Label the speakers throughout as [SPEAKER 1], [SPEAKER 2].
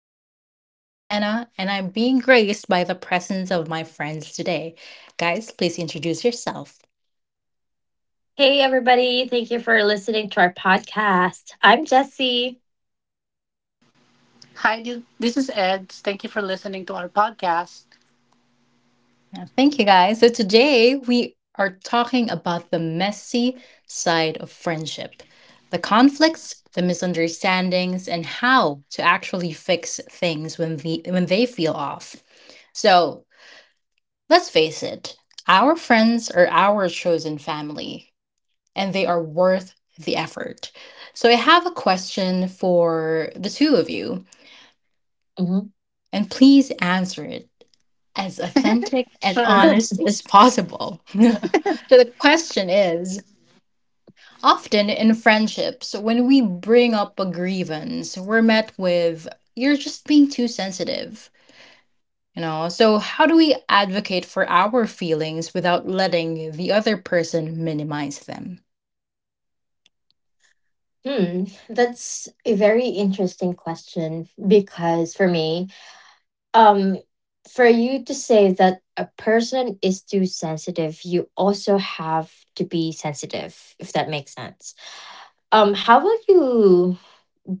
[SPEAKER 1] I'm your host, Anna, and I'm being graced by the presence of my friends today. Guys, please introduce yourself.
[SPEAKER 2] Hey, everybody. Thank you for listening to our podcast. I'm Jesse.
[SPEAKER 3] Hi, this is Ed. Thank you for listening to our podcast.
[SPEAKER 1] Thank you, guys. So, today we are talking about the messy side of friendship, the conflicts, the misunderstandings, and how to actually fix things when they feel off. So let's face it, our friends are our chosen family, and they are worth the effort. So I have a question for the two of you,
[SPEAKER 2] Mhm.
[SPEAKER 1] and please answer it as authentic and
[SPEAKER 3] Sure.
[SPEAKER 1] honest as possible. So the question is, often in friendships, when we bring up a grievance, we're met with, "You're just being too sensitive." You know, so how do we advocate for our feelings without letting the other person minimize them?
[SPEAKER 2] Hmm, that's a very interesting question because for me, um, for you to say that a person is too sensitive, you also have to be sensitive, if that makes sense. How will you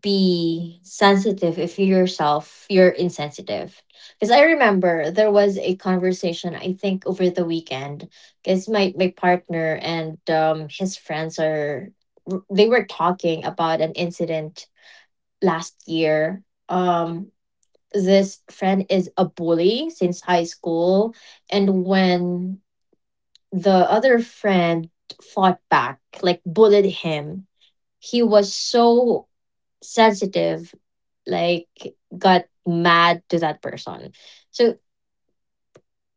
[SPEAKER 2] be sensitive if you yourself you're insensitive? Because I remember there was a conversation, I think, over the weekend. Because my partner and his friends are, they were talking about an incident last year. um this friend is a bully since high school, and when the other friend fought back, like bullied him, he was so sensitive, like got mad to that person. So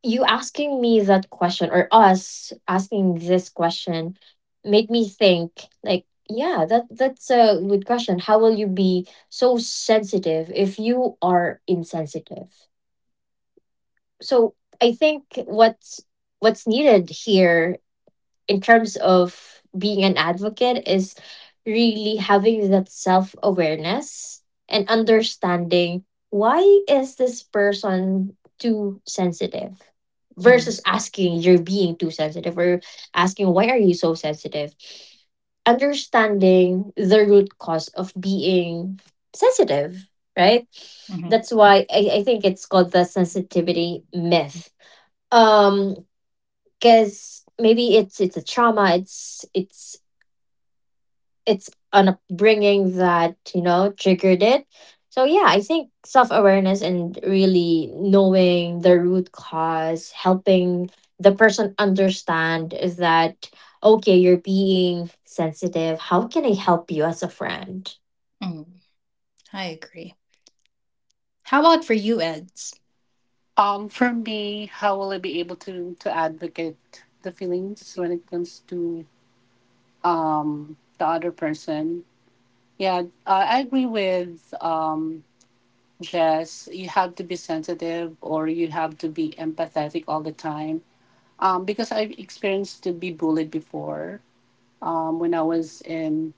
[SPEAKER 2] you asking me that question, or us asking this question, made me think, like, yeah, that's a good question. How will you be so sensitive if you are insensitive? So I think what's needed here in terms of being an advocate is really having that self awareness and understanding, why is this person too sensitive,
[SPEAKER 1] Mm-hmm.
[SPEAKER 2] versus asking, you're being too sensitive, or asking, why are you so sensitive? Understanding the root cause of being sensitive, right?
[SPEAKER 1] Mm-hmm.
[SPEAKER 2] That's why I think it's called the sensitivity myth. um because maybe it's a trauma, it's, it's an upbringing that, you know, triggered it. So yeah, I think self-awareness and really knowing the root cause, helping the person understand that, okay, you're being sensitive. How can I help you as a friend?
[SPEAKER 1] mm I agree. How about for you, Eds?
[SPEAKER 3] For me, how will I be able to advocate the feelings when it comes to the other person? Yeah, I agree with Jess. You have to be sensitive, or you have to be empathetic all the time. Because I've experienced to be bullied before, when I was in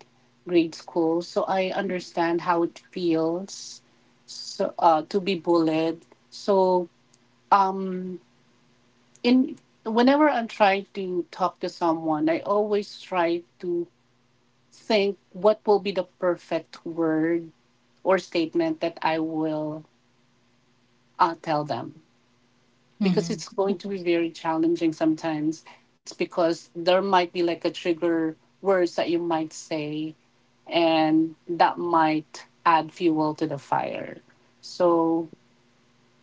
[SPEAKER 3] grade school. So I understand how it feels so, to be bullied. So um, in whenever I'm trying to talk to someone, I always try to think what will be the perfect word or statement that I will tell them. Because
[SPEAKER 1] Mhm.
[SPEAKER 3] it's going to be very challenging sometimes. It's because there might be like a trigger words that you might say, and that might add fuel to the fire. So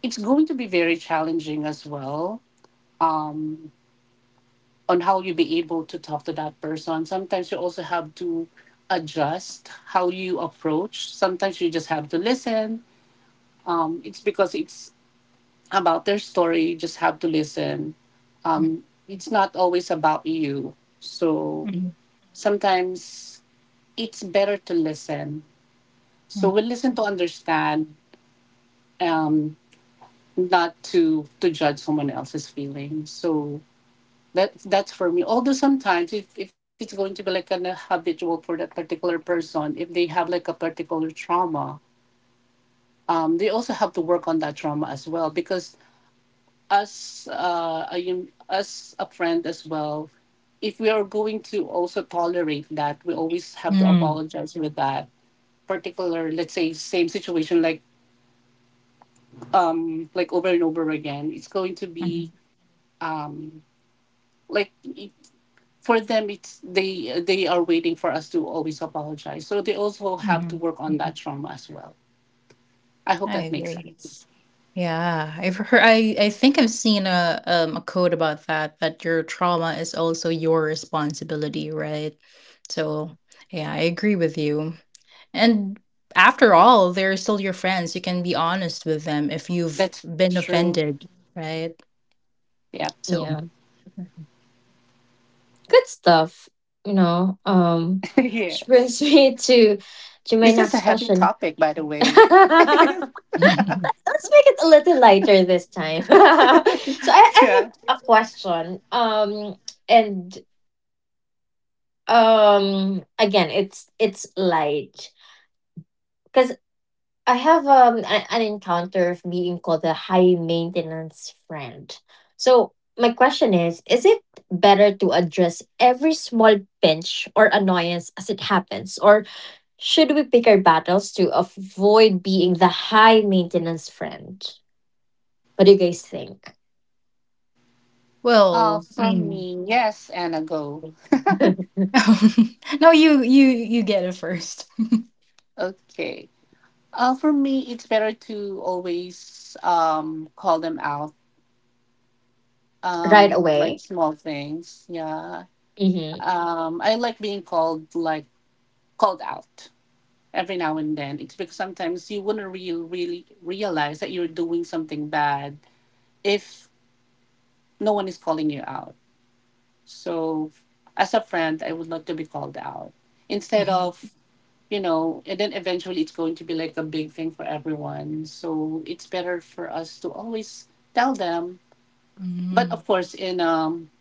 [SPEAKER 3] it's going to be very challenging as well, um, on how you be able to talk to that person. Sometimes you also have to adjust how you approach. Sometimes you just have to listen. It's because it's about their story. You just have to listen.
[SPEAKER 1] Mhm.
[SPEAKER 3] It's not always about you. So
[SPEAKER 1] Mhm.
[SPEAKER 3] sometimes it's better to listen. So
[SPEAKER 1] Mhm.
[SPEAKER 3] we listen to understand, um, not to judge someone else's feelings. So that's for me. Although sometimes if, it's going to be like an habitual for that particular person, if they have like a particular trauma, they also have to work on that trauma as well, because as a friend as well, if we are going to also tolerate that, we always have to
[SPEAKER 1] Mhm.
[SPEAKER 3] apologize with that particular, let's say, same situation, like like over and over again. It's going to be um like it- for them, it's they are waiting for us to always apologize, so they also have to
[SPEAKER 1] Mhm.
[SPEAKER 3] work on that
[SPEAKER 1] Mhm.
[SPEAKER 3] trauma as well. I hope
[SPEAKER 1] I
[SPEAKER 3] that makes
[SPEAKER 1] agree.
[SPEAKER 3] sense.
[SPEAKER 1] Yeah, I've heard. I think I've seen a quote about that, that your trauma is also your responsibility, right? So, yeah, I agree with you. And after all, they're still your friends. You can be honest with them if you've
[SPEAKER 3] That's
[SPEAKER 1] been
[SPEAKER 3] true.
[SPEAKER 1] offended, right?
[SPEAKER 3] Yeah.
[SPEAKER 1] So,
[SPEAKER 2] Yeah, good stuff. You know, which brings
[SPEAKER 3] Yes,
[SPEAKER 2] me to my
[SPEAKER 3] this is a
[SPEAKER 2] next
[SPEAKER 3] heavy
[SPEAKER 2] question.
[SPEAKER 3] topic, by the way.
[SPEAKER 2] Let's make it a little lighter this time. So I, I
[SPEAKER 3] Yeah.
[SPEAKER 2] have a question. And again it's light, because I have an encounter of being called a high maintenance friend. So my question is it better to address every small pinch or annoyance as it happens, or should we pick our battles to avoid being the high maintenance friend? What do you guys think?
[SPEAKER 1] well,
[SPEAKER 3] For
[SPEAKER 1] mm.
[SPEAKER 3] me, yes, Anna, go.
[SPEAKER 1] No, you get it 1st.
[SPEAKER 3] Okay. For me, it's better to always call them out,
[SPEAKER 2] Right
[SPEAKER 3] like
[SPEAKER 2] away.
[SPEAKER 3] small things. Yeah.
[SPEAKER 2] Mm-hmm.
[SPEAKER 3] I like being called out every now and then. It's because sometimes you wouldn't really realize that you're doing something bad if no one is calling you out. So, as a friend, I would like to be called out instead of, and then eventually it's going to be like a big thing for everyone. So it's better for us to always tell them, but of course in um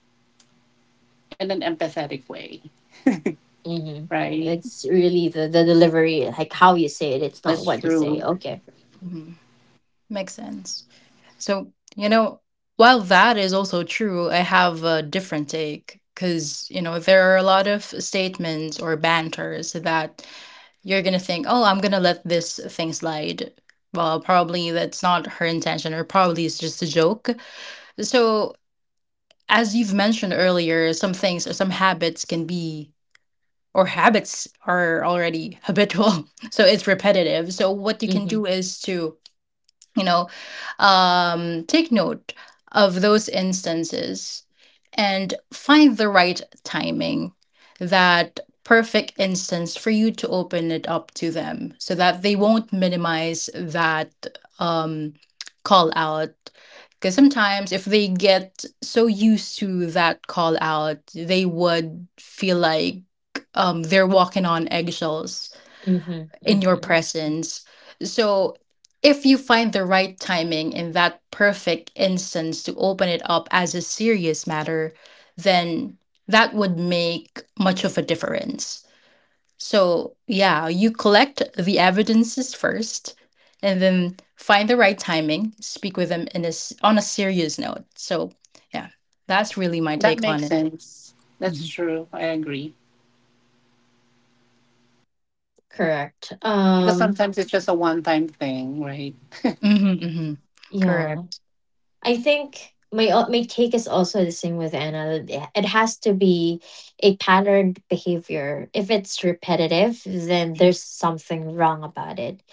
[SPEAKER 3] in an empathetic way,
[SPEAKER 2] Mm-hmm.
[SPEAKER 3] right?
[SPEAKER 2] It's really the delivery, like how you say it. It's not
[SPEAKER 3] That's
[SPEAKER 2] what you say.
[SPEAKER 3] true.
[SPEAKER 2] Okay.
[SPEAKER 1] Makes sense. So, you know, while that is also true, I have a different take because, you know, there are a lot of statements or banters that you're going to think, "Oh, I'm going to let this thing slide. Well, probably that's not her intention, or probably it's just a joke." So, as you've mentioned earlier, some things or some habits can be, or habits are already habitual. So, it's repetitive. So, what you can
[SPEAKER 2] Mm-hmm.
[SPEAKER 1] do is to, you know, take note of those instances and find the right timing, that perfect instance for you to open it up to them so that they won't minimize that um, call out. Because sometimes if they get so used to that call out, they would feel like they're walking on eggshells
[SPEAKER 2] Mm-hmm.
[SPEAKER 1] in your
[SPEAKER 2] Mm-hmm.
[SPEAKER 1] presence. So, if you find the right timing in that perfect instance to open it up as a serious matter, then that would make much of a difference. So, yeah, you collect the evidences first and then find the right timing, speak with them on a serious note. So, yeah, that's really my
[SPEAKER 3] That
[SPEAKER 1] take on
[SPEAKER 3] makes
[SPEAKER 1] it.
[SPEAKER 3] sense.
[SPEAKER 1] hmm
[SPEAKER 3] That's true. I agree.
[SPEAKER 2] Correct.
[SPEAKER 3] Because sometimes it's just a one-time thing, right?
[SPEAKER 1] hmm
[SPEAKER 2] Yeah.
[SPEAKER 1] Correct.
[SPEAKER 2] I think my take is also the same with Anna, that it has to be a patterned behavior. If it's repetitive, then there's something wrong about it.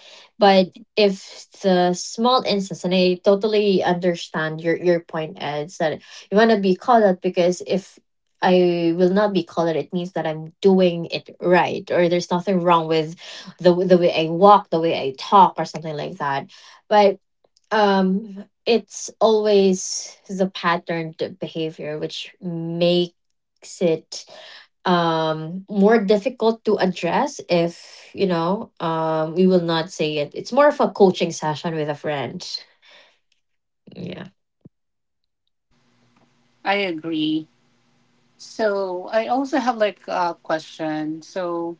[SPEAKER 2] But if the small instance, and I totally understand your point, Ed, is that you want to be called out, because if I will not be called out, it means that I'm doing it right, or there's nothing wrong with the way I walk, the way I talk, or something like that. But. It's always the patterned behavior which makes it more difficult to address. If we will not say it, it's more of a coaching session with a friend, yeah.
[SPEAKER 3] I agree. So I also have like a question. So,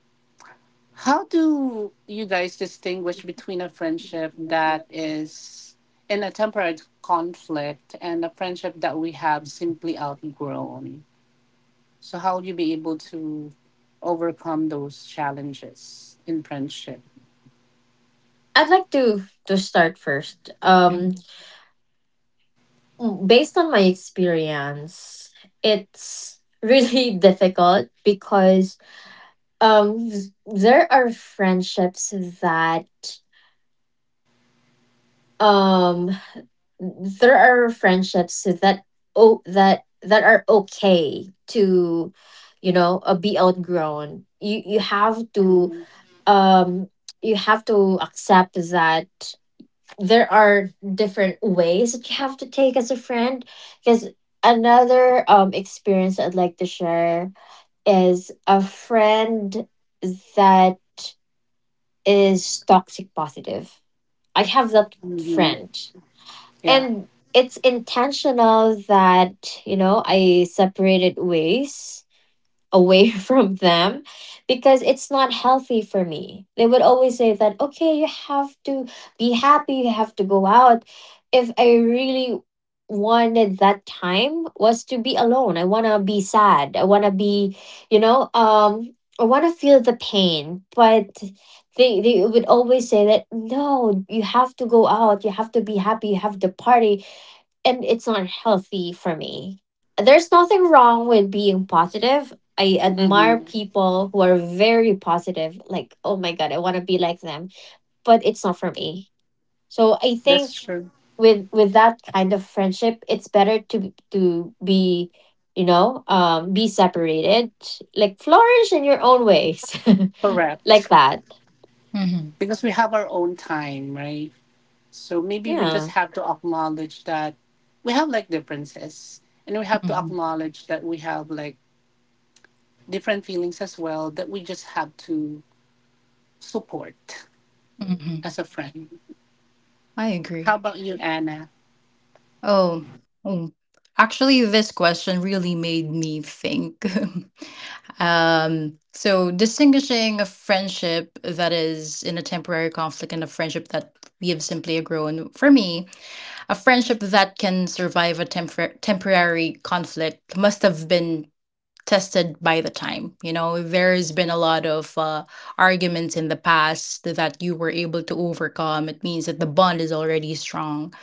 [SPEAKER 3] how do you guys distinguish between a friendship that is in a temporary conflict and a friendship that we have simply outgrown? So, how will you be able to overcome those challenges in friendship?
[SPEAKER 2] I'd like to start first.
[SPEAKER 1] hmm
[SPEAKER 2] Based on my experience, it's really difficult because, Um, there are friendships that um there are friendships that, oh that are okay to, be outgrown.
[SPEAKER 3] Mhm.
[SPEAKER 2] Um you have to accept that there are different ways that you have to take as a friend, because another experience I'd like to share is a friend that is toxic positive. I have that
[SPEAKER 3] Mhm.
[SPEAKER 2] friend.
[SPEAKER 3] Yeah.
[SPEAKER 2] And it's intentional that, I separated ways away from them because it's not healthy for me. They would always say that, okay, you have to be happy, you have to go out. If I really wanted that time was to be alone. I want to be sad. I want to feel the pain, but they would always say that, no, you have to go out, you have to be happy, you have to party, and it's not healthy for me. There's nothing wrong with being positive. I admire
[SPEAKER 3] Hmm,
[SPEAKER 2] people who are very positive. Like, oh my god, I want to be like them, but it's not for me. So I think
[SPEAKER 3] that's true.
[SPEAKER 2] with that kind of friendship, it's better to be separated. Like, flourish in your own ways, like
[SPEAKER 3] Correct.
[SPEAKER 2] that.
[SPEAKER 1] hmm
[SPEAKER 3] Because we have our own time, right? So, maybe we just
[SPEAKER 2] Yeah,
[SPEAKER 3] have to acknowledge that we have like differences, and we have to acknowledge that we have like different feelings as well, that we just have to support
[SPEAKER 1] hmm
[SPEAKER 3] as a friend.
[SPEAKER 1] I
[SPEAKER 3] How
[SPEAKER 1] agree.
[SPEAKER 3] about you, Anna?
[SPEAKER 1] Oh, oh. Actually, this question really made me think. So distinguishing a friendship that is in a temporary conflict and a friendship that we have simply grown. For me, a friendship that can survive a temporary conflict must have been tested by the time. You know, there's been a lot of arguments in the past that you were able to overcome. It means that the bond is already strong,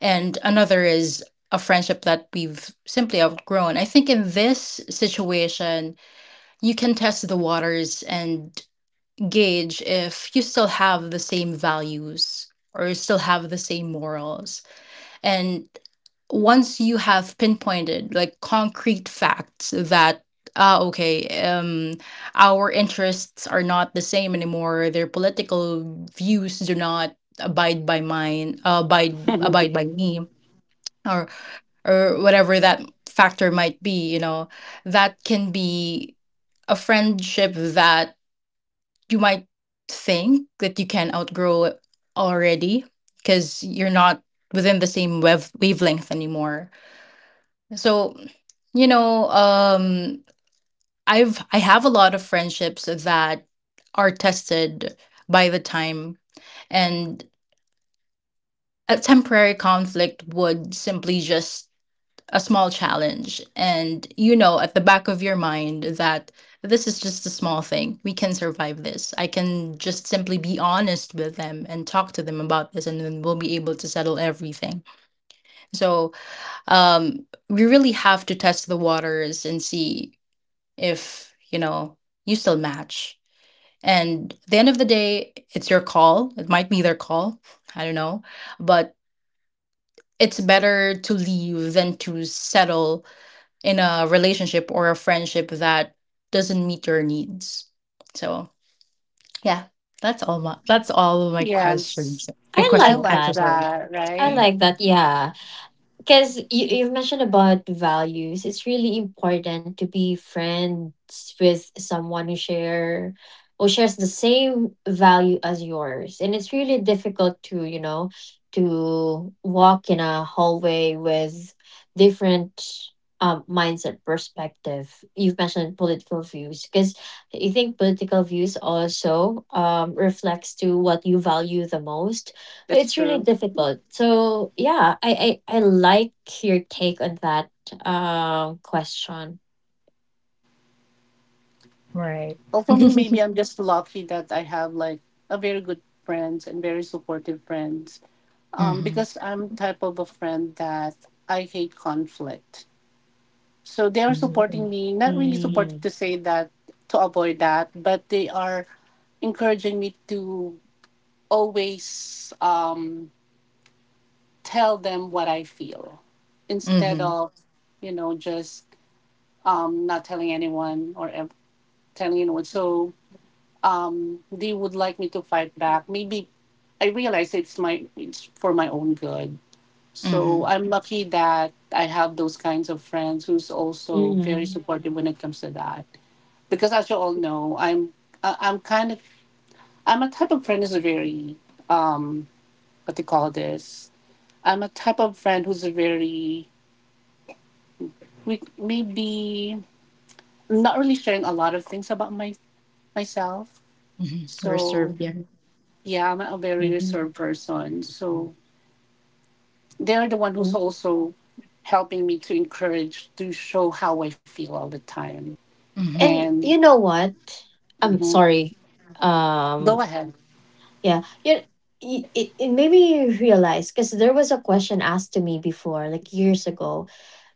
[SPEAKER 1] and another is a friendship that we've simply outgrown. I think in this situation, you can test the waters and gauge if you still have the same values or still have the same morals. And once you have pinpointed like concrete facts that, ah okay um our interests are not the same anymore, their political views do not abide by mine, abide by me, or whatever that factor might be, you know, that can be a friendship that you might think that you can outgrow already because you're not within the same wavelength anymore. So, you know, I have a lot of friendships that are tested by the time, and a temporary conflict would simply just a small challenge, and you know at the back of your mind that this is just a small thing. We can survive this. I can just simply be honest with them and talk to them about this, and then we'll be able to settle everything. So we really have to test the waters and see if, you know, you still match. And at the end of the day, it's your call. It might be their call. I don't know. But it's better to leave than to settle in a relationship or a friendship that doesn't meet your needs. So yeah, that's all of my questions.
[SPEAKER 3] Yes,
[SPEAKER 1] A
[SPEAKER 2] I
[SPEAKER 3] I
[SPEAKER 1] question
[SPEAKER 2] like
[SPEAKER 3] like
[SPEAKER 1] answer,
[SPEAKER 2] that.
[SPEAKER 1] sorry.
[SPEAKER 3] that,
[SPEAKER 2] I
[SPEAKER 3] right?
[SPEAKER 2] like that. Yeah. Because you've mentioned about values, it's really important to be friends with someone who shares the same value as yours. And it's really difficult to, you know, to walk in a hallway with different mindset, perspective. You've mentioned political views, because you think political views also reflects to what you value the most. So
[SPEAKER 3] That's
[SPEAKER 2] it's really
[SPEAKER 3] true.
[SPEAKER 2] difficult. So yeah, I like your take on that question.
[SPEAKER 1] Right.
[SPEAKER 3] Also, me, maybe I'm just lucky that I have like a very good friends and very supportive friends.
[SPEAKER 1] Mm-hmm.
[SPEAKER 3] Because I'm type of a friend that I hate conflict. So they are
[SPEAKER 1] Mm-hmm.
[SPEAKER 3] supporting me, not really supporting
[SPEAKER 2] Mhm.
[SPEAKER 3] to say that to avoid that, but they are encouraging me to always, tell them what I feel instead of, just not telling anyone or telling anyone. So they would like me to fight back. Maybe I realize it's my it's for my own good. So
[SPEAKER 1] Mm-hmm.
[SPEAKER 3] I'm lucky that I have those kinds of friends who's also very
[SPEAKER 2] Mhm.
[SPEAKER 3] supportive when it comes to that. Because as you all know, I'm I'm kind of, I'm a type of friend who's very, um what they call this. I'm a type of friend who's very we maybe not really sharing a lot of things about my myself.
[SPEAKER 1] Mm-hmm.
[SPEAKER 3] So
[SPEAKER 1] Reserved. Yeah.
[SPEAKER 3] yeah, I'm a very
[SPEAKER 2] Mhm.
[SPEAKER 3] reserved person. So they're the one who's
[SPEAKER 2] Mhm.
[SPEAKER 3] also helping me to encourage to show how I feel all the time.
[SPEAKER 1] Mm-hmm.
[SPEAKER 2] And
[SPEAKER 3] And
[SPEAKER 2] you know what? I'm
[SPEAKER 3] Mhm.
[SPEAKER 2] sorry.
[SPEAKER 3] Go
[SPEAKER 2] Um
[SPEAKER 3] ahead.
[SPEAKER 2] yeah, it made me realize, because there was a question asked to me before, like years ago,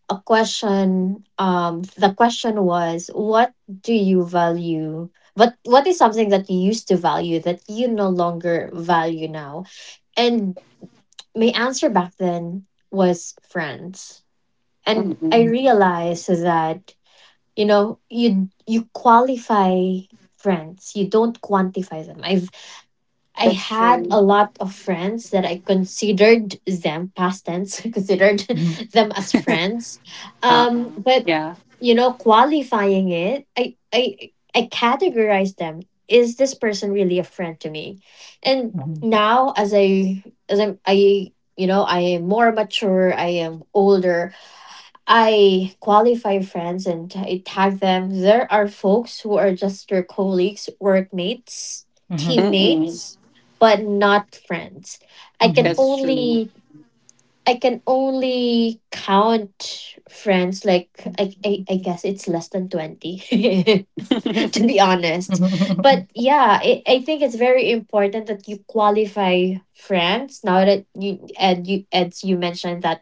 [SPEAKER 2] a question, the question was, what do you value, what is something that you used to value that you no longer value now. And my answer back then was friends. And I
[SPEAKER 3] Mm-mm.
[SPEAKER 2] realized that, you qualify friends, you don't quantify them. I
[SPEAKER 3] That's
[SPEAKER 2] had
[SPEAKER 3] true.
[SPEAKER 2] a lot of friends that I considered them past tense considered
[SPEAKER 1] Mm-hmm.
[SPEAKER 2] them as friends,
[SPEAKER 3] Uh-uh.
[SPEAKER 2] but
[SPEAKER 3] Yeah.
[SPEAKER 2] qualifying it, I categorize them. Is this person really a friend to me? And now, as I as I'm I you know I am more mature. I am older. I qualify friends and I tag them. There are folks who are just your colleagues, workmates,
[SPEAKER 1] Mm-hmm.
[SPEAKER 3] Mm-mm.
[SPEAKER 2] teammates, but not friends. I can
[SPEAKER 1] Mm-hmm.
[SPEAKER 3] That's true.
[SPEAKER 2] only I can only count friends, like, I guess it's less than 20 to be honest. But
[SPEAKER 1] Mm-hmm.
[SPEAKER 2] yeah, I think it's very important that you qualify friends now, that you and you as you mentioned that,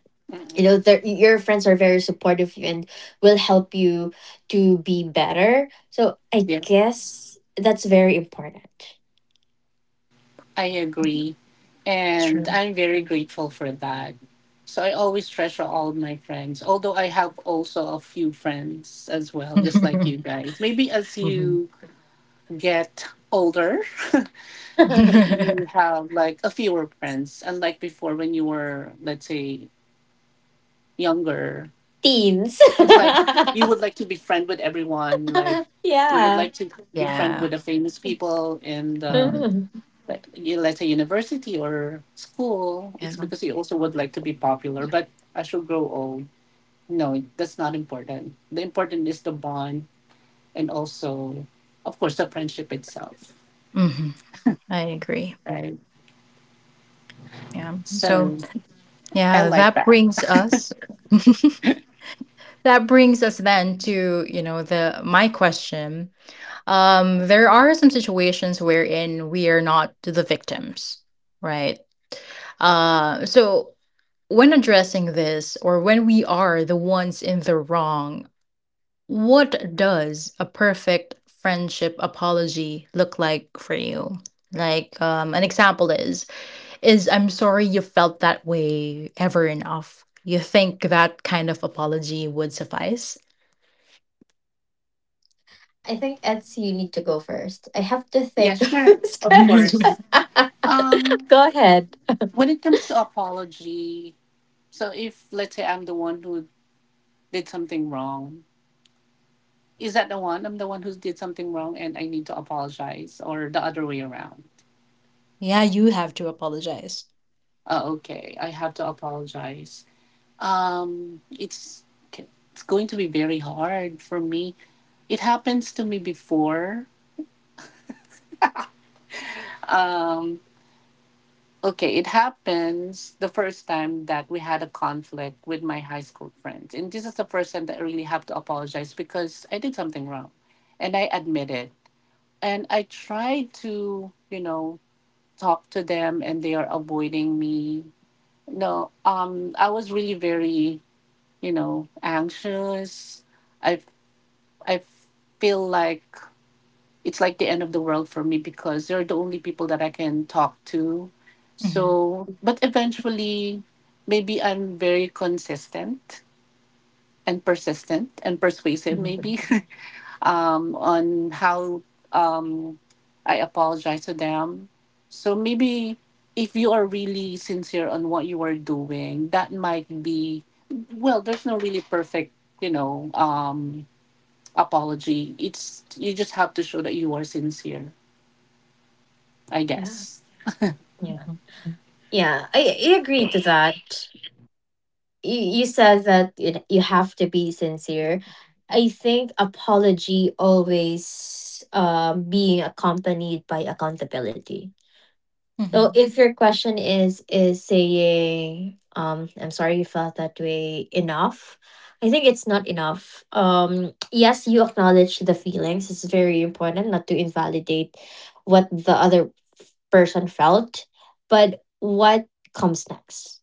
[SPEAKER 3] Mm-mm.
[SPEAKER 2] their your friends are very supportive of you and will help you to be better. So I
[SPEAKER 3] Yeah.
[SPEAKER 2] guess that's very important.
[SPEAKER 3] I agree. And
[SPEAKER 1] True.
[SPEAKER 3] I'm very grateful for that. So I always treasure all of my friends, although I have also a few friends as well, just like you guys. Maybe as
[SPEAKER 1] Mm-hmm.
[SPEAKER 3] you get older, you, you have like a fewer friends. Unlike before when you were, let's say, younger,
[SPEAKER 2] teens
[SPEAKER 3] it's like you would like to be friend with everyone. Like you would
[SPEAKER 2] yeah.
[SPEAKER 3] like to be friend
[SPEAKER 1] Yeah.
[SPEAKER 3] with the famous people and,
[SPEAKER 1] Mm,
[SPEAKER 2] Mhm.
[SPEAKER 3] let's say university or school,
[SPEAKER 1] yeah.
[SPEAKER 3] it's because you also would like to be popular. But as you grow old, no, that's not important. The important is the bond, and also, of course, the friendship itself,
[SPEAKER 1] Mm-hmm. I agree.
[SPEAKER 3] right?
[SPEAKER 1] Yeah. So
[SPEAKER 3] So I
[SPEAKER 1] yeah,
[SPEAKER 3] like
[SPEAKER 1] that
[SPEAKER 3] that.
[SPEAKER 1] brings us that brings us then to, you know, the my question. There are some situations wherein we are not the victims, right? So when addressing this, or when we are the ones in the wrong, what does a perfect friendship apology look like for you? Like, an example is, "I'm sorry you felt that way" ever enough? You think that kind of apology would suffice?
[SPEAKER 2] I think ets you need to go first. I have to
[SPEAKER 3] Yeah,
[SPEAKER 2] think of
[SPEAKER 3] sure,
[SPEAKER 2] this
[SPEAKER 3] of
[SPEAKER 2] question.
[SPEAKER 3] course. Um,
[SPEAKER 2] Go ahead.
[SPEAKER 3] when it comes to apology, so if, let's say, I'm the one who did something wrong, is that the one? I'm the one who did something wrong and I need to apologize, or the other way around?
[SPEAKER 1] Yeah, you have to apologize.
[SPEAKER 3] Oh, okay. I have to apologize. It's okay. It's going to be very hard for me. It happens to me before. Um, okay, it happens the first time that we had a conflict with my high school friends, and this is the first time that I really have to apologize because I did something wrong, and I admit it, and I try to talk to them, and they are avoiding me. No, I was really very, anxious. I I feel like it's like the end of the world for me, because they're the only people that I can talk to.
[SPEAKER 1] hmm
[SPEAKER 3] So, but eventually, maybe I'm very consistent and persistent and persuasive,
[SPEAKER 1] hmm
[SPEAKER 3] maybe. On how, um, I apologize to them. So maybe if you are really sincere on what you are doing, that might be, well, there's no really perfect, you know, um, apology. It's, you just have to show that you are sincere. I
[SPEAKER 2] Yeah,
[SPEAKER 3] guess.
[SPEAKER 2] yeah, yeah, I agree to that. You said that, you have to be sincere. I think apology always, being accompanied by accountability. So if your question is, saying, I'm sorry you felt that way, enough, I think it's not enough. Yes, you acknowledge the feelings. It's very important not to invalidate what the other person felt, but what comes next?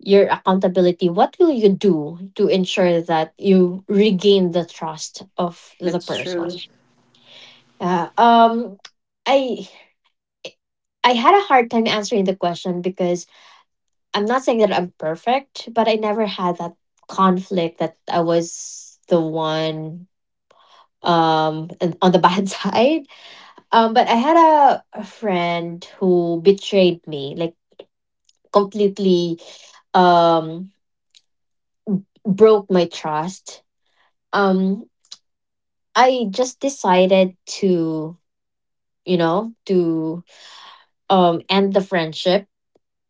[SPEAKER 2] Your accountability, what will you do to ensure that you regain the trust of the
[SPEAKER 3] That's
[SPEAKER 2] person?
[SPEAKER 3] true.
[SPEAKER 2] Yeah. I I had a hard time answering the question, because I'm not saying that I'm perfect, but I never had that conflict that I was the one, and on the bad side. But I had a friend who betrayed me, like, completely um broke my trust. Um I just decided to, you know, to um, end the friendship.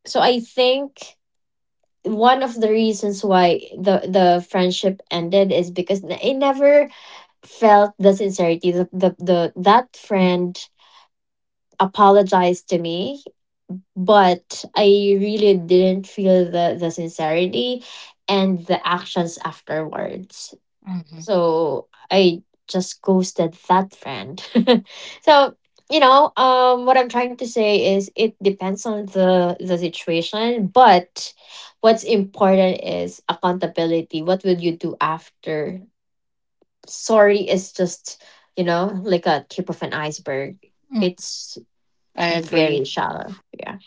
[SPEAKER 2] So I think one of the reasons why the friendship ended is because I never felt the sincerity. The that friend apologized to me, but I really didn't feel the sincerity and the actions afterwards. So I just ghosted that friend. So, what I'm trying to say is, it depends on the situation. But what's important is accountability. What will you do after sorry is just, like, a tip of an iceberg. It's
[SPEAKER 3] I agree.
[SPEAKER 2] very shallow, yeah.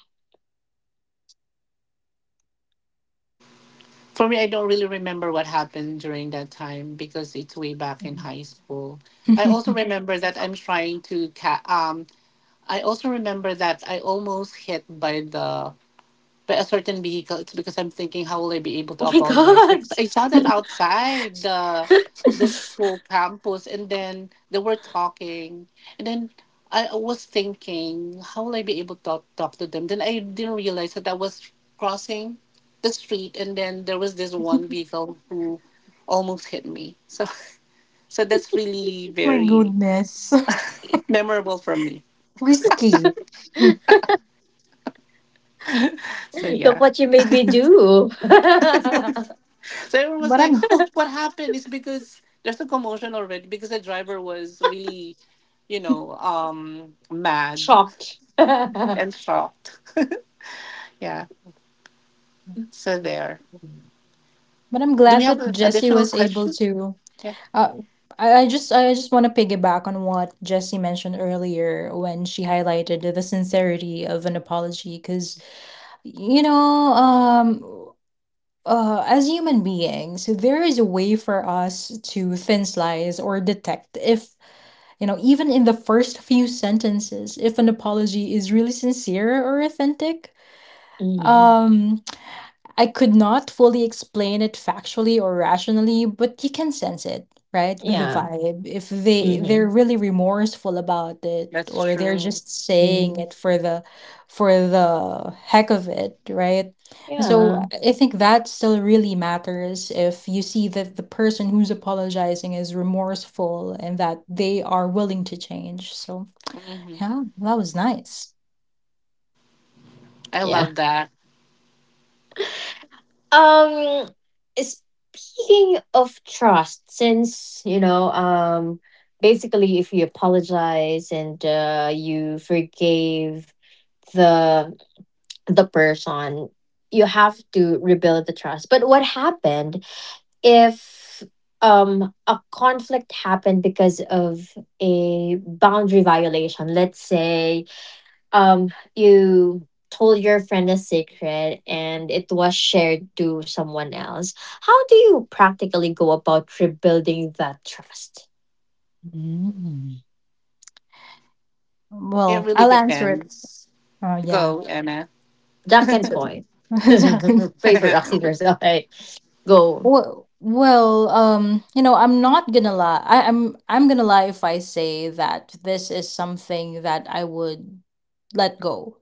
[SPEAKER 3] For me, I don't really remember what happened during that time because it's way back in
[SPEAKER 1] hmm
[SPEAKER 3] high school. I also remember that I'm trying to ca- I also remember that I almost hit by a certain vehicle. It's because I'm thinking how will I be able to
[SPEAKER 2] Oh my
[SPEAKER 3] apologize,
[SPEAKER 2] god.
[SPEAKER 3] because I saw them outside the school campus, and then they were talking, and then I was thinking how will I be able to talk to them. Then I didn't realize that I was crossing the street, and then there was this one vehicle who almost hit me. So so that's really
[SPEAKER 1] My
[SPEAKER 3] very
[SPEAKER 1] goodness.
[SPEAKER 3] memorable for me.
[SPEAKER 1] Risky.
[SPEAKER 3] So
[SPEAKER 2] Look
[SPEAKER 3] yeah.
[SPEAKER 2] what you made me do.
[SPEAKER 3] So everyone was
[SPEAKER 1] But
[SPEAKER 3] like,
[SPEAKER 1] I'm
[SPEAKER 3] "Oh, what happened?" It's because there's a commotion already, because the driver was really, mad
[SPEAKER 2] Shocked.
[SPEAKER 3] and shocked. Yeah. So there.
[SPEAKER 1] but I'm
[SPEAKER 3] Do we
[SPEAKER 1] glad
[SPEAKER 3] have
[SPEAKER 1] that
[SPEAKER 3] an
[SPEAKER 1] Jesse
[SPEAKER 3] additional
[SPEAKER 1] was able
[SPEAKER 3] question?
[SPEAKER 1] to.
[SPEAKER 3] Yeah,
[SPEAKER 1] Uh I I just I just want to piggyback on what Jesse mentioned earlier when she highlighted the sincerity of an apology. Because, you know, as human beings, there is a way for us to thin slice or detect if, you know, even in the first few sentences, if an apology is really sincere or authentic.
[SPEAKER 2] Hmm.
[SPEAKER 1] Um, I could not fully explain it factually or rationally, but you can sense it, right? With the
[SPEAKER 2] Yeah.
[SPEAKER 1] vibe. If they
[SPEAKER 2] Hmm.
[SPEAKER 1] they're really remorseful about it,
[SPEAKER 3] that's
[SPEAKER 1] or they're
[SPEAKER 3] true.
[SPEAKER 1] just saying
[SPEAKER 2] Hmm.
[SPEAKER 1] it for the heck of it, right? And so
[SPEAKER 2] Yeah.
[SPEAKER 1] I think that still really matters if you see that the person who's apologizing is remorseful and that they are willing to change. So
[SPEAKER 3] Hmm.
[SPEAKER 1] yeah, that was nice.
[SPEAKER 3] I
[SPEAKER 2] Yeah.
[SPEAKER 3] love that.
[SPEAKER 2] Um, Speaking of trust, since, basically, if you apologize and, you forgave the the person, you have to rebuild the trust. But what happened if a conflict happened because of a boundary violation? Let's say, um, you told your friend a secret and it was shared to someone else. How do you practically go about rebuilding that trust?
[SPEAKER 1] Mm.
[SPEAKER 3] It
[SPEAKER 1] Well,
[SPEAKER 3] really
[SPEAKER 1] I'll answer it.
[SPEAKER 3] depends.
[SPEAKER 1] Oh yeah.
[SPEAKER 3] Go, Anna.
[SPEAKER 2] Duck and
[SPEAKER 1] So
[SPEAKER 2] point. Paper, rock, scissors. Okay, go.
[SPEAKER 1] well, you know, I'm not gonna lie. I'm gonna lie if I say that this is something that I would let go.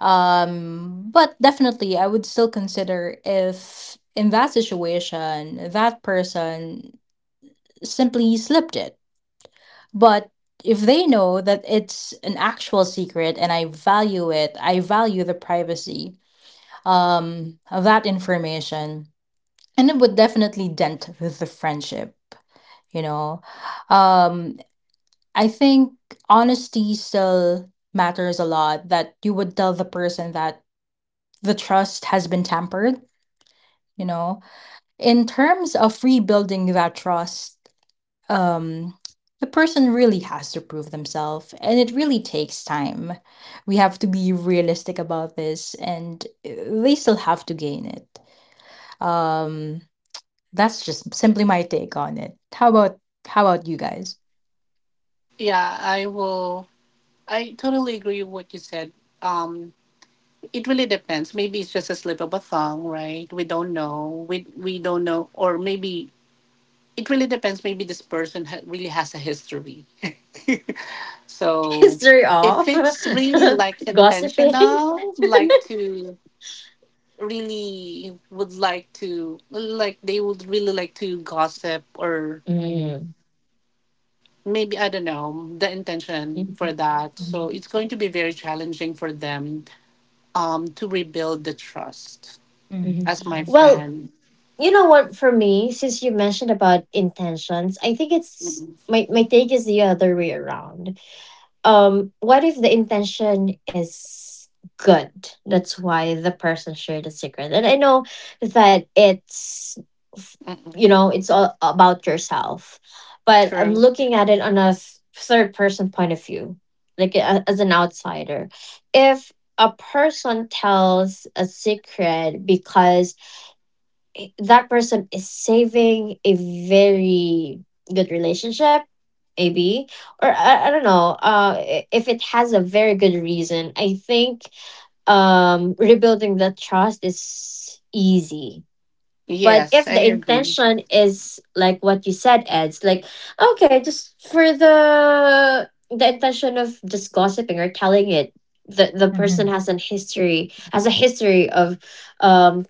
[SPEAKER 1] But definitely, I would still consider if in that situation that person simply slipped it. But if they know that it's an actual secret and I value it, I value the privacy of that information, and it would definitely dent the friendship, you know. um I think honesty still matters a lot, that you would tell the person that the trust has been tampered, you know. In terms of rebuilding that trust, um the person really has to prove themselves, and it really takes time. We have to be realistic about this, and they still have to gain it. um That's just simply my take on it. How about you guys?
[SPEAKER 3] Yeah, I will. I totally agree with what you said. Um, it really depends. Maybe it's just a slip of a tongue, right? We don't know. We don't know, or maybe it really depends. Maybe this person really has a history. So
[SPEAKER 2] History off.
[SPEAKER 3] if it's really like
[SPEAKER 2] Gossiping.
[SPEAKER 3] intentional, like to really would like to like they would really like to gossip, or
[SPEAKER 2] Mm.
[SPEAKER 3] maybe I don't know the intention for
[SPEAKER 2] Mhm.
[SPEAKER 3] that. So
[SPEAKER 1] Mhm.
[SPEAKER 3] it's going to be very challenging for them, to rebuild the trust.
[SPEAKER 2] Mhm.
[SPEAKER 1] Mhm.
[SPEAKER 3] As my
[SPEAKER 2] Well,
[SPEAKER 3] friend.
[SPEAKER 2] you know what? For me, since you mentioned about intentions, I think it's
[SPEAKER 3] Mm-mm.
[SPEAKER 2] my my take is the other way around. What if the intention is good? That's why the person shared the secret. And I know that f-
[SPEAKER 3] Mm-mm.
[SPEAKER 2] it's all about yourself, but I'm
[SPEAKER 3] True.
[SPEAKER 2] looking at it on a third person point of view, like as an outsider. If a person tells a secret because that person is saving a very good relationship maybe, or I don't know, if it has a very good reason, I think rebuilding the trust is easy. But
[SPEAKER 3] Yes,
[SPEAKER 2] if
[SPEAKER 3] I
[SPEAKER 2] the
[SPEAKER 3] agree.
[SPEAKER 2] intention is like what you said, Ed's, like okay, just for the intention of just gossiping or telling it, the person
[SPEAKER 1] Mhm.
[SPEAKER 2] has an history, has a history of um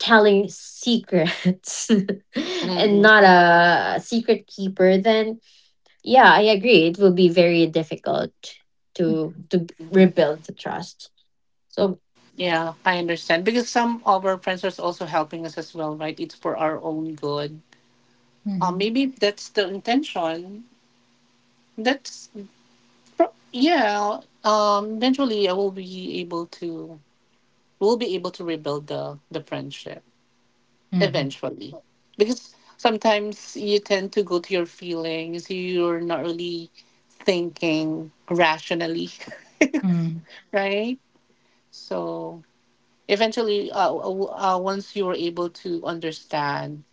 [SPEAKER 2] telling secrets and
[SPEAKER 3] Mm-mm.
[SPEAKER 2] not a secret keeper, then yeah, I agree, it will be very difficult to
[SPEAKER 1] Mhm.
[SPEAKER 2] to rebuild the trust. So
[SPEAKER 3] Yeah, I understand. Because some of our friends are also helping us as well, right? It's for our own good. Maybe that's the intention. That's yeah. Eventually, I will be able to. We'll be able to rebuild the friendship
[SPEAKER 1] Mhm.
[SPEAKER 3] eventually, because sometimes you tend to go to your feelings. You're not really thinking rationally,
[SPEAKER 1] Mhm.
[SPEAKER 3] right? So eventually, once you're able to understand,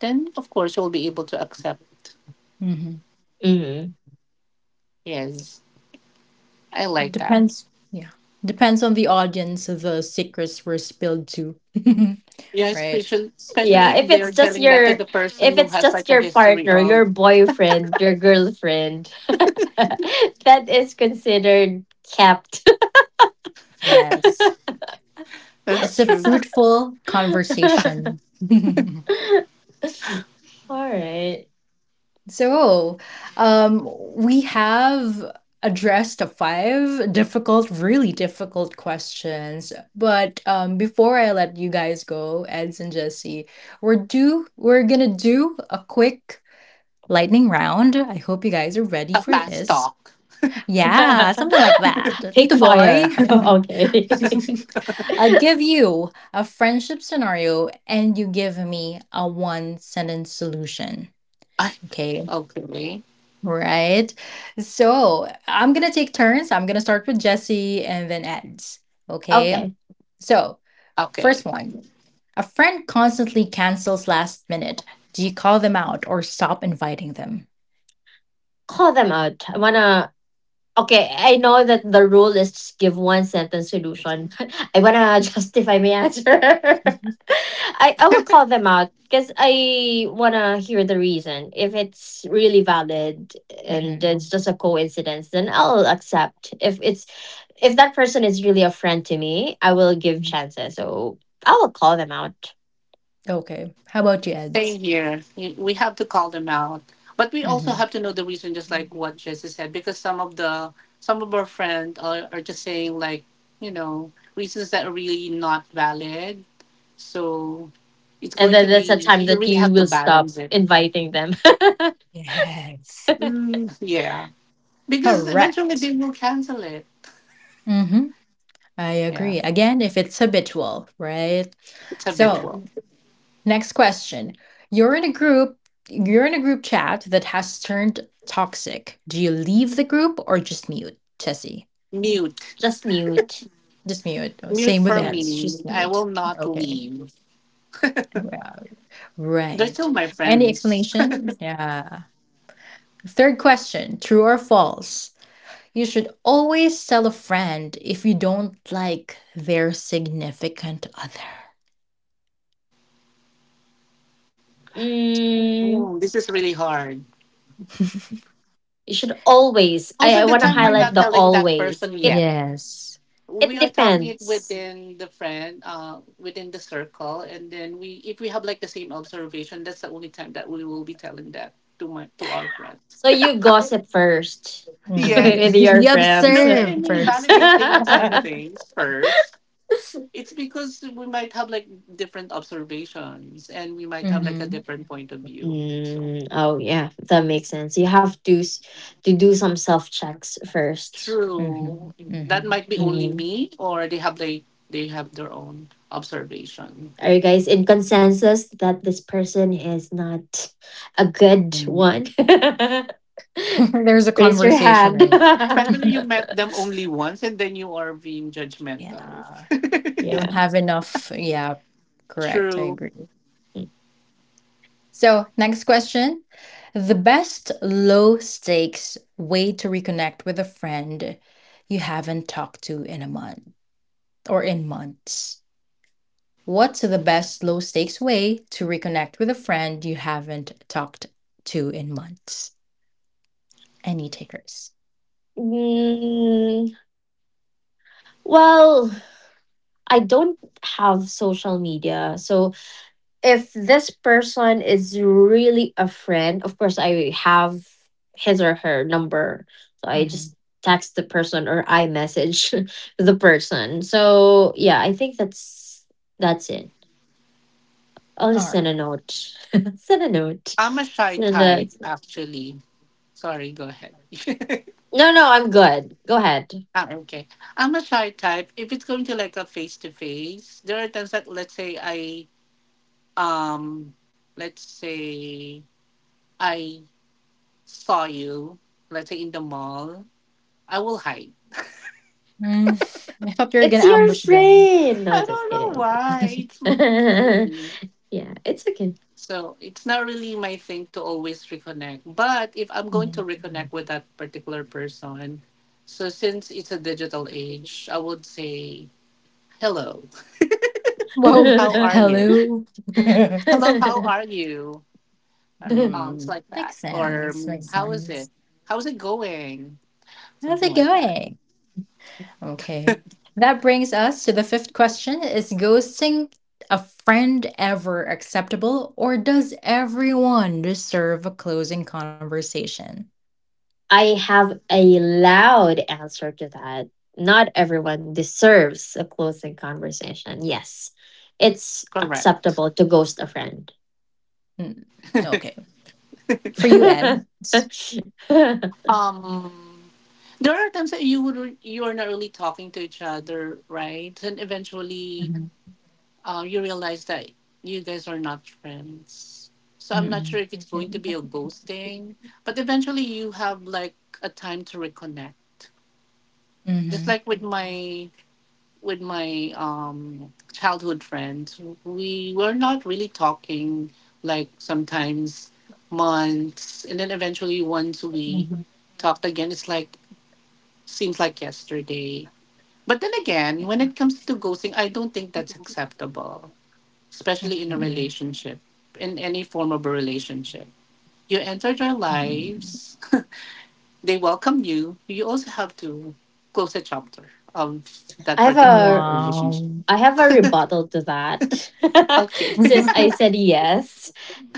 [SPEAKER 3] then of course you'll be able to accept.
[SPEAKER 1] Mhm.
[SPEAKER 2] mhm.
[SPEAKER 3] Yes, I like that.
[SPEAKER 1] Depends. Yeah. Depends on the audience the secrets were spilled to.
[SPEAKER 3] Yeah,
[SPEAKER 1] Right.
[SPEAKER 3] especially
[SPEAKER 2] Yeah,
[SPEAKER 3] if
[SPEAKER 2] if it's
[SPEAKER 3] they're
[SPEAKER 2] just
[SPEAKER 3] telling that to
[SPEAKER 2] your,
[SPEAKER 3] the person
[SPEAKER 2] if
[SPEAKER 3] who
[SPEAKER 2] it's
[SPEAKER 3] has like
[SPEAKER 2] just
[SPEAKER 3] a
[SPEAKER 2] your
[SPEAKER 3] history
[SPEAKER 2] partner, your
[SPEAKER 3] of.
[SPEAKER 2] boyfriend, your girlfriend, that is considered kept.
[SPEAKER 1] Yes.
[SPEAKER 3] That's
[SPEAKER 1] It's a
[SPEAKER 3] true.
[SPEAKER 1] fruitful conversation.
[SPEAKER 2] All right.
[SPEAKER 1] So, um, we have addressed five difficult, really difficult questions. But, before I let you guys go, Eds and Jesse, we're gonna do a quick lightning round. I hope you guys are ready
[SPEAKER 3] A
[SPEAKER 1] for
[SPEAKER 3] fast
[SPEAKER 1] this.
[SPEAKER 3] talk.
[SPEAKER 1] Yeah, something like that. Tito
[SPEAKER 2] Pick
[SPEAKER 1] boy.
[SPEAKER 2] fire. Okay.
[SPEAKER 1] I'll give you a friendship scenario and you give me a one sentence solution.
[SPEAKER 3] I
[SPEAKER 1] Okay,
[SPEAKER 3] Okay,
[SPEAKER 1] right? So I'm gonna take turns. I'm gonna start with Jesse and then Eds. Okay,
[SPEAKER 2] Okay.
[SPEAKER 1] so
[SPEAKER 3] okay.
[SPEAKER 1] first one, a friend constantly cancels last minute. Do you call them out or stop inviting them?
[SPEAKER 2] Call them out. I wanna. Okay, I know that the rule is just give one sentence solution, but I wanna justify my answer. I will call them out because I wanna hear the reason. If it's really valid and
[SPEAKER 1] hmm
[SPEAKER 2] it's just a coincidence, then I'll accept. If it's, if that person is really a friend to me, I will give chances. So I will call them out.
[SPEAKER 1] Okay, how about you,
[SPEAKER 3] Same
[SPEAKER 1] Eds?
[SPEAKER 3] here. We have to call them out, but we also
[SPEAKER 1] Mhm.
[SPEAKER 3] have to know the reason, just like what Jesse said, because some of our friends are, just saying like, reasons that are really not valid. So it's
[SPEAKER 2] And
[SPEAKER 3] going to
[SPEAKER 2] then that's a
[SPEAKER 3] be,
[SPEAKER 2] time
[SPEAKER 3] you
[SPEAKER 2] that
[SPEAKER 3] really
[SPEAKER 2] you
[SPEAKER 3] have to
[SPEAKER 2] will stop
[SPEAKER 3] balance it.
[SPEAKER 2] inviting them.
[SPEAKER 1] Yes,
[SPEAKER 3] Mm, yeah, because eventually
[SPEAKER 1] correct.
[SPEAKER 3] they will cancel it.
[SPEAKER 1] hmm I
[SPEAKER 3] Yeah,
[SPEAKER 1] agree. Again, if it's habitual, right?
[SPEAKER 3] it's
[SPEAKER 2] Yeah.
[SPEAKER 1] So,
[SPEAKER 3] habitual.
[SPEAKER 1] next question. You're in a group, you're in a group chat that has turned toxic. Do you leave the group or just mute, Tessie?
[SPEAKER 3] Mute,
[SPEAKER 2] Just mute.
[SPEAKER 1] Just mute. Oh,
[SPEAKER 3] mute
[SPEAKER 1] same with
[SPEAKER 3] for
[SPEAKER 2] Yeah.
[SPEAKER 1] Eds,
[SPEAKER 3] me.
[SPEAKER 1] just
[SPEAKER 3] I
[SPEAKER 1] mute.
[SPEAKER 3] will not
[SPEAKER 1] Okay.
[SPEAKER 3] leave.
[SPEAKER 1] Yeah.
[SPEAKER 3] They're still
[SPEAKER 1] Right.
[SPEAKER 3] my
[SPEAKER 1] Any
[SPEAKER 3] friends.
[SPEAKER 1] explanation? Yeah. Third question, true or false? You should always tell a friend if you don't like their significant other.
[SPEAKER 2] Mm,
[SPEAKER 3] Oh, this is really hard.
[SPEAKER 2] you should always,
[SPEAKER 3] Most
[SPEAKER 2] I,
[SPEAKER 3] of
[SPEAKER 2] I
[SPEAKER 3] the
[SPEAKER 2] wanna
[SPEAKER 3] time, we're
[SPEAKER 1] Mhm.
[SPEAKER 2] highlight
[SPEAKER 3] not
[SPEAKER 2] the
[SPEAKER 3] telling that
[SPEAKER 2] always.
[SPEAKER 3] person
[SPEAKER 2] It
[SPEAKER 3] yet.
[SPEAKER 1] Yes.
[SPEAKER 2] it
[SPEAKER 3] We are talking it
[SPEAKER 2] depends.
[SPEAKER 3] within the friend, within the circle, and then we, if we have like the same observation, that's the only time that we will be telling that to my to our friends.
[SPEAKER 2] So you gossip first
[SPEAKER 1] Mm,
[SPEAKER 2] with
[SPEAKER 3] Yes.
[SPEAKER 2] your
[SPEAKER 1] you
[SPEAKER 2] friends.
[SPEAKER 3] No, I
[SPEAKER 1] observe
[SPEAKER 3] mean
[SPEAKER 1] 1st.
[SPEAKER 3] validating some things first. It's because we might have like different observations and we might have like a
[SPEAKER 1] hmm
[SPEAKER 3] different point of view. So
[SPEAKER 2] Mm, oh yeah, that makes sense. You have to to do some self checks 1st.
[SPEAKER 3] true.
[SPEAKER 1] hmm
[SPEAKER 3] That might be only
[SPEAKER 2] Hmm.
[SPEAKER 3] me or they have like they have their own observation.
[SPEAKER 2] Are you guys in consensus that this person is not a good
[SPEAKER 1] hmm
[SPEAKER 2] one?
[SPEAKER 1] There's a
[SPEAKER 2] Raise your hand.
[SPEAKER 1] conversation. Eh?
[SPEAKER 3] Especially you met them only once and then you are being judgmental.
[SPEAKER 1] Yeah. We
[SPEAKER 2] Yeah.
[SPEAKER 1] don't have enough. Yeah. Correct. I
[SPEAKER 3] True.
[SPEAKER 1] agree. So, next question. The best low stakes way to reconnect with a friend you haven't talked to in a month, or in months. What's the best low stakes way to reconnect with a friend you haven't talked to in months? Any takers?
[SPEAKER 2] Mm, well, I don't have social media. So if this person is really a friend, of course I have his or her number. So I
[SPEAKER 1] Mm-hmm.
[SPEAKER 2] just text the person, or I message the person. So yeah, I think that's it. I'll
[SPEAKER 1] All
[SPEAKER 2] just
[SPEAKER 1] right.
[SPEAKER 2] send a note. Send a note.
[SPEAKER 3] I'm a shy
[SPEAKER 2] Send a.
[SPEAKER 3] type actually. Sorry, go ahead.
[SPEAKER 2] No, no, I'm good. Go ahead.
[SPEAKER 3] Ah, okay. I'm a shy type. If it's going to like a face to face, there are times that um let's say I saw you, let's say in the mall, I will hide.
[SPEAKER 1] Mm, I thought you were
[SPEAKER 2] It's
[SPEAKER 1] going to
[SPEAKER 2] your
[SPEAKER 1] ambush them.
[SPEAKER 2] friend. No,
[SPEAKER 3] I
[SPEAKER 2] just
[SPEAKER 3] don't know
[SPEAKER 2] kidding.
[SPEAKER 3] why. It's
[SPEAKER 2] Yeah,
[SPEAKER 3] maybe.
[SPEAKER 2] it's okay.
[SPEAKER 3] So it's not really my thing to always reconnect. But if I'm going to
[SPEAKER 1] Mm.
[SPEAKER 3] reconnect with that particular person, so since it's a digital age, I would say, hello,
[SPEAKER 1] Whoa.
[SPEAKER 3] how
[SPEAKER 2] I
[SPEAKER 3] are you?
[SPEAKER 1] Hello.
[SPEAKER 3] Hello, how are you? It's
[SPEAKER 1] Mm,
[SPEAKER 3] like that.
[SPEAKER 1] makes
[SPEAKER 3] Or
[SPEAKER 1] sense. Makes
[SPEAKER 3] how is it?
[SPEAKER 1] sense.
[SPEAKER 3] How's it going?
[SPEAKER 1] How's
[SPEAKER 3] Something
[SPEAKER 1] it
[SPEAKER 3] like that.
[SPEAKER 1] going? Okay. That brings us to the fifth question. Is ghosting a friend ever acceptable, or does everyone deserve a closing conversation?
[SPEAKER 2] have a loud answer to that. Not everyone deserves a closing conversation. Yes, it's
[SPEAKER 3] Correct.
[SPEAKER 2] acceptable to ghost a friend.
[SPEAKER 1] Mm, okay. For you, Eds.
[SPEAKER 2] I
[SPEAKER 3] Um, There are times that you are not really talking to each other, right? And eventually,
[SPEAKER 1] Mm-hmm.
[SPEAKER 3] you realize that you guys are not friends. So I'm not
[SPEAKER 1] Mm-hmm.
[SPEAKER 3] sure if it's
[SPEAKER 1] Yeah.
[SPEAKER 3] going to be a ghosting, but eventually you have like a time to reconnect. Just like with my childhood friends, we were not really talking like sometimes months, and then eventually once we
[SPEAKER 1] Mm-hmm.
[SPEAKER 3] talked again, it's like seems like yesterday. But then again, when
[SPEAKER 1] Yeah.
[SPEAKER 3] it comes to ghosting, I don't think that's acceptable, especially in a
[SPEAKER 1] Mm-mm.
[SPEAKER 3] relationship, in any form of a relationship. You entered their
[SPEAKER 1] Mm.
[SPEAKER 3] lives, they welcome you. You also have to close a chapter of that
[SPEAKER 2] have
[SPEAKER 3] particular
[SPEAKER 2] a,
[SPEAKER 3] relationship.
[SPEAKER 1] Wow.
[SPEAKER 2] I have a rebuttal to that.
[SPEAKER 3] Okay.
[SPEAKER 2] Since I said yes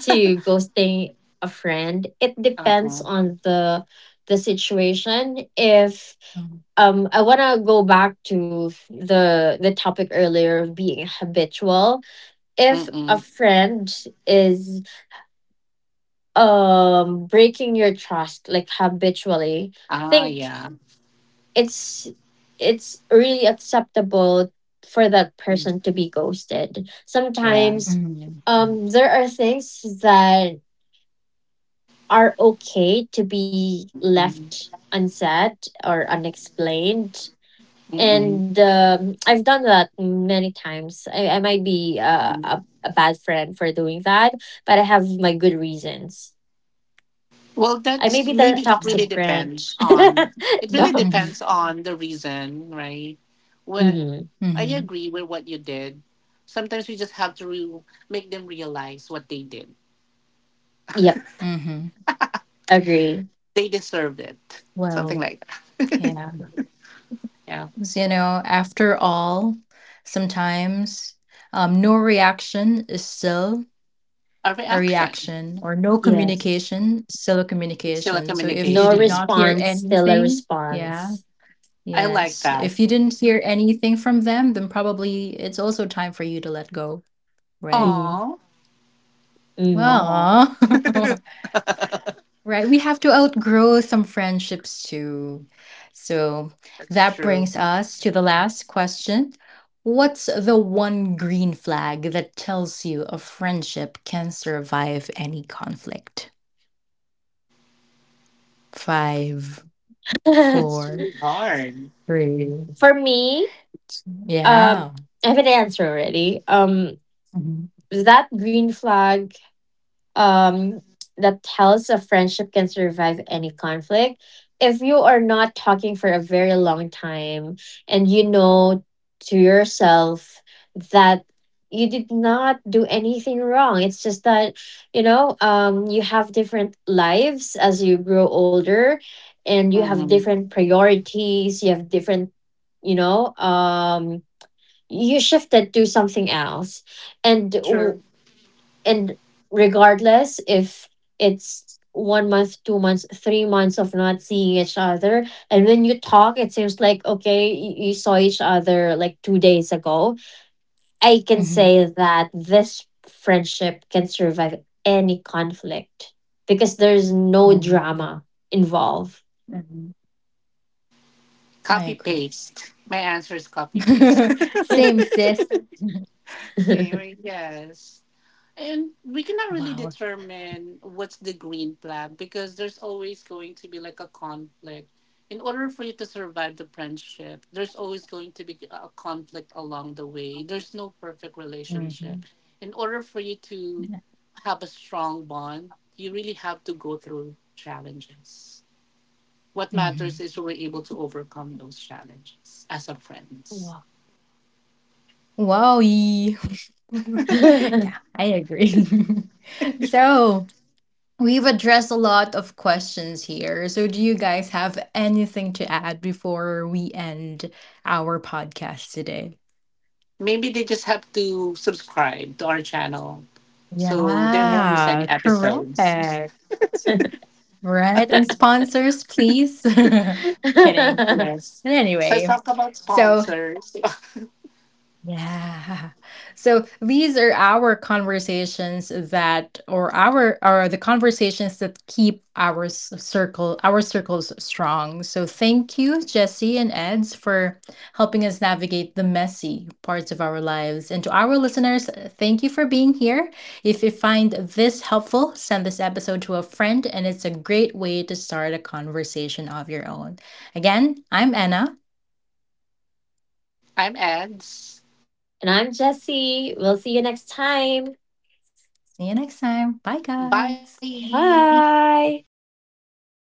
[SPEAKER 2] to ghosting a friend, it
[SPEAKER 3] Uh-uh.
[SPEAKER 2] depends on the situation. If
[SPEAKER 1] Mm.
[SPEAKER 2] I want to go back to the topic earlier of being habitual. If a
[SPEAKER 3] Mm-mm.
[SPEAKER 2] friend is breaking your trust like habitually,
[SPEAKER 3] Ah,
[SPEAKER 2] think
[SPEAKER 3] yeah.
[SPEAKER 2] it's it's really acceptable for that
[SPEAKER 3] Mm,
[SPEAKER 2] person to be ghosted
[SPEAKER 3] yeah.
[SPEAKER 2] sometimes.
[SPEAKER 1] Mhm. Mm.
[SPEAKER 2] There are things that are okay to be left
[SPEAKER 3] Mm-mm.
[SPEAKER 2] unsaid or unexplained,
[SPEAKER 3] Mm-mm.
[SPEAKER 2] and I've done that many times. I might be a bad friend for doing that, but I have my good reasons.
[SPEAKER 3] Well,
[SPEAKER 2] I may
[SPEAKER 3] that's
[SPEAKER 2] be the
[SPEAKER 3] maybe it
[SPEAKER 1] Yeah.
[SPEAKER 3] really
[SPEAKER 2] toxic friend.
[SPEAKER 3] depends on it really
[SPEAKER 2] No.
[SPEAKER 1] Mhm.
[SPEAKER 3] depends on the reason, right? Well,
[SPEAKER 2] Hmm.
[SPEAKER 3] I
[SPEAKER 1] Mhm.
[SPEAKER 3] agree with what you did. Sometimes we just have to make them realize what they did.
[SPEAKER 2] Yep.
[SPEAKER 1] Mhm.
[SPEAKER 2] Agree.
[SPEAKER 3] They deserved it. Something
[SPEAKER 1] Well,
[SPEAKER 3] like that.
[SPEAKER 1] yeah.
[SPEAKER 3] Yeah.
[SPEAKER 1] You know, after all, sometimes no reaction is still
[SPEAKER 3] A
[SPEAKER 1] a
[SPEAKER 3] reaction.
[SPEAKER 1] reaction, or no
[SPEAKER 2] Yes.
[SPEAKER 1] communication is still a
[SPEAKER 3] It's still a
[SPEAKER 1] communication. So if you
[SPEAKER 2] No
[SPEAKER 1] did
[SPEAKER 3] communication.
[SPEAKER 1] not hear
[SPEAKER 2] response, still a
[SPEAKER 1] anything, yeah,
[SPEAKER 2] response.
[SPEAKER 3] I like
[SPEAKER 1] yes.
[SPEAKER 3] that.
[SPEAKER 1] If you didn't hear anything from them, then probably it's also time for you to let go, right?
[SPEAKER 2] Hmm.
[SPEAKER 3] Oh,
[SPEAKER 2] Hmm.
[SPEAKER 3] oh,
[SPEAKER 1] Well, right, we have to outgrow some friendships too. So
[SPEAKER 3] that's
[SPEAKER 1] that
[SPEAKER 3] true.
[SPEAKER 1] brings us to the last question. What's the one green flag that tells you a friendship can survive any conflict? Five,
[SPEAKER 3] It's
[SPEAKER 1] four,
[SPEAKER 3] really hard.
[SPEAKER 1] three.
[SPEAKER 2] For me, um,
[SPEAKER 1] Yeah.
[SPEAKER 2] I have an answer already.
[SPEAKER 1] hmm
[SPEAKER 2] That green flag, um, that tells a friendship can survive any conflict. If you are not talking for a very long time, and you know to yourself that you did not do anything wrong, it's just that, you know, you have different lives as you grow older, and you have
[SPEAKER 3] Mm-hmm.
[SPEAKER 2] different priorities, you have different, you know, you shifted to something else and
[SPEAKER 3] True.
[SPEAKER 2] and regardless if it's 1 month, 2 months, 3 months of not seeing each other, and when you talk it seems like okay, you saw each other like 2 days ago, I can
[SPEAKER 1] hmm
[SPEAKER 2] say that this friendship can survive any conflict because there's no
[SPEAKER 1] hmm
[SPEAKER 2] drama involved.
[SPEAKER 1] hmm I
[SPEAKER 3] Copy
[SPEAKER 1] agree.
[SPEAKER 3] paste. My answer is copy paste.
[SPEAKER 1] Same, sis.
[SPEAKER 3] Same, right? Yes. And we cannot really
[SPEAKER 1] Wow.
[SPEAKER 3] determine what's the green flag because there's always going to be like a conflict. In order for you to survive the friendship, there's always going to be a conflict along the way. There's no perfect
[SPEAKER 1] hmm
[SPEAKER 3] relationship. In order for you to have a strong bond, you really have to go through challenges. What
[SPEAKER 1] hmm
[SPEAKER 3] matters is we're able to overcome those challenges as a friends.
[SPEAKER 2] Wow.
[SPEAKER 1] Wow! Yeah,
[SPEAKER 2] And
[SPEAKER 1] I agree. So we've addressed a lot of questions here. So do you guys have anything to add before we end our podcast today?
[SPEAKER 3] Maybe they just have to subscribe to our channel so they won't miss any
[SPEAKER 1] Yeah,
[SPEAKER 3] episodes.
[SPEAKER 1] correct. Right? And sponsors, please. Kidding.
[SPEAKER 3] Yes.
[SPEAKER 1] But
[SPEAKER 3] So let's
[SPEAKER 1] anyway,
[SPEAKER 3] talk about
[SPEAKER 1] so
[SPEAKER 3] sponsors.
[SPEAKER 1] yeah. So these are our conversations, that or our are the conversations that keep our circles strong. So thank you, Jesse and Eds, for helping us navigate the messy parts of our lives. And to our listeners, thank you for being here. If you find this helpful, send this episode to a friend, and it's a great way to start a conversation of your own. Again, I'm Anna.
[SPEAKER 3] I'm Eds.
[SPEAKER 2] I'm Jesse, we'll see you next time.
[SPEAKER 1] See you next time. Bye,
[SPEAKER 3] Bye.
[SPEAKER 1] guys.
[SPEAKER 2] Bye.
[SPEAKER 3] Bye.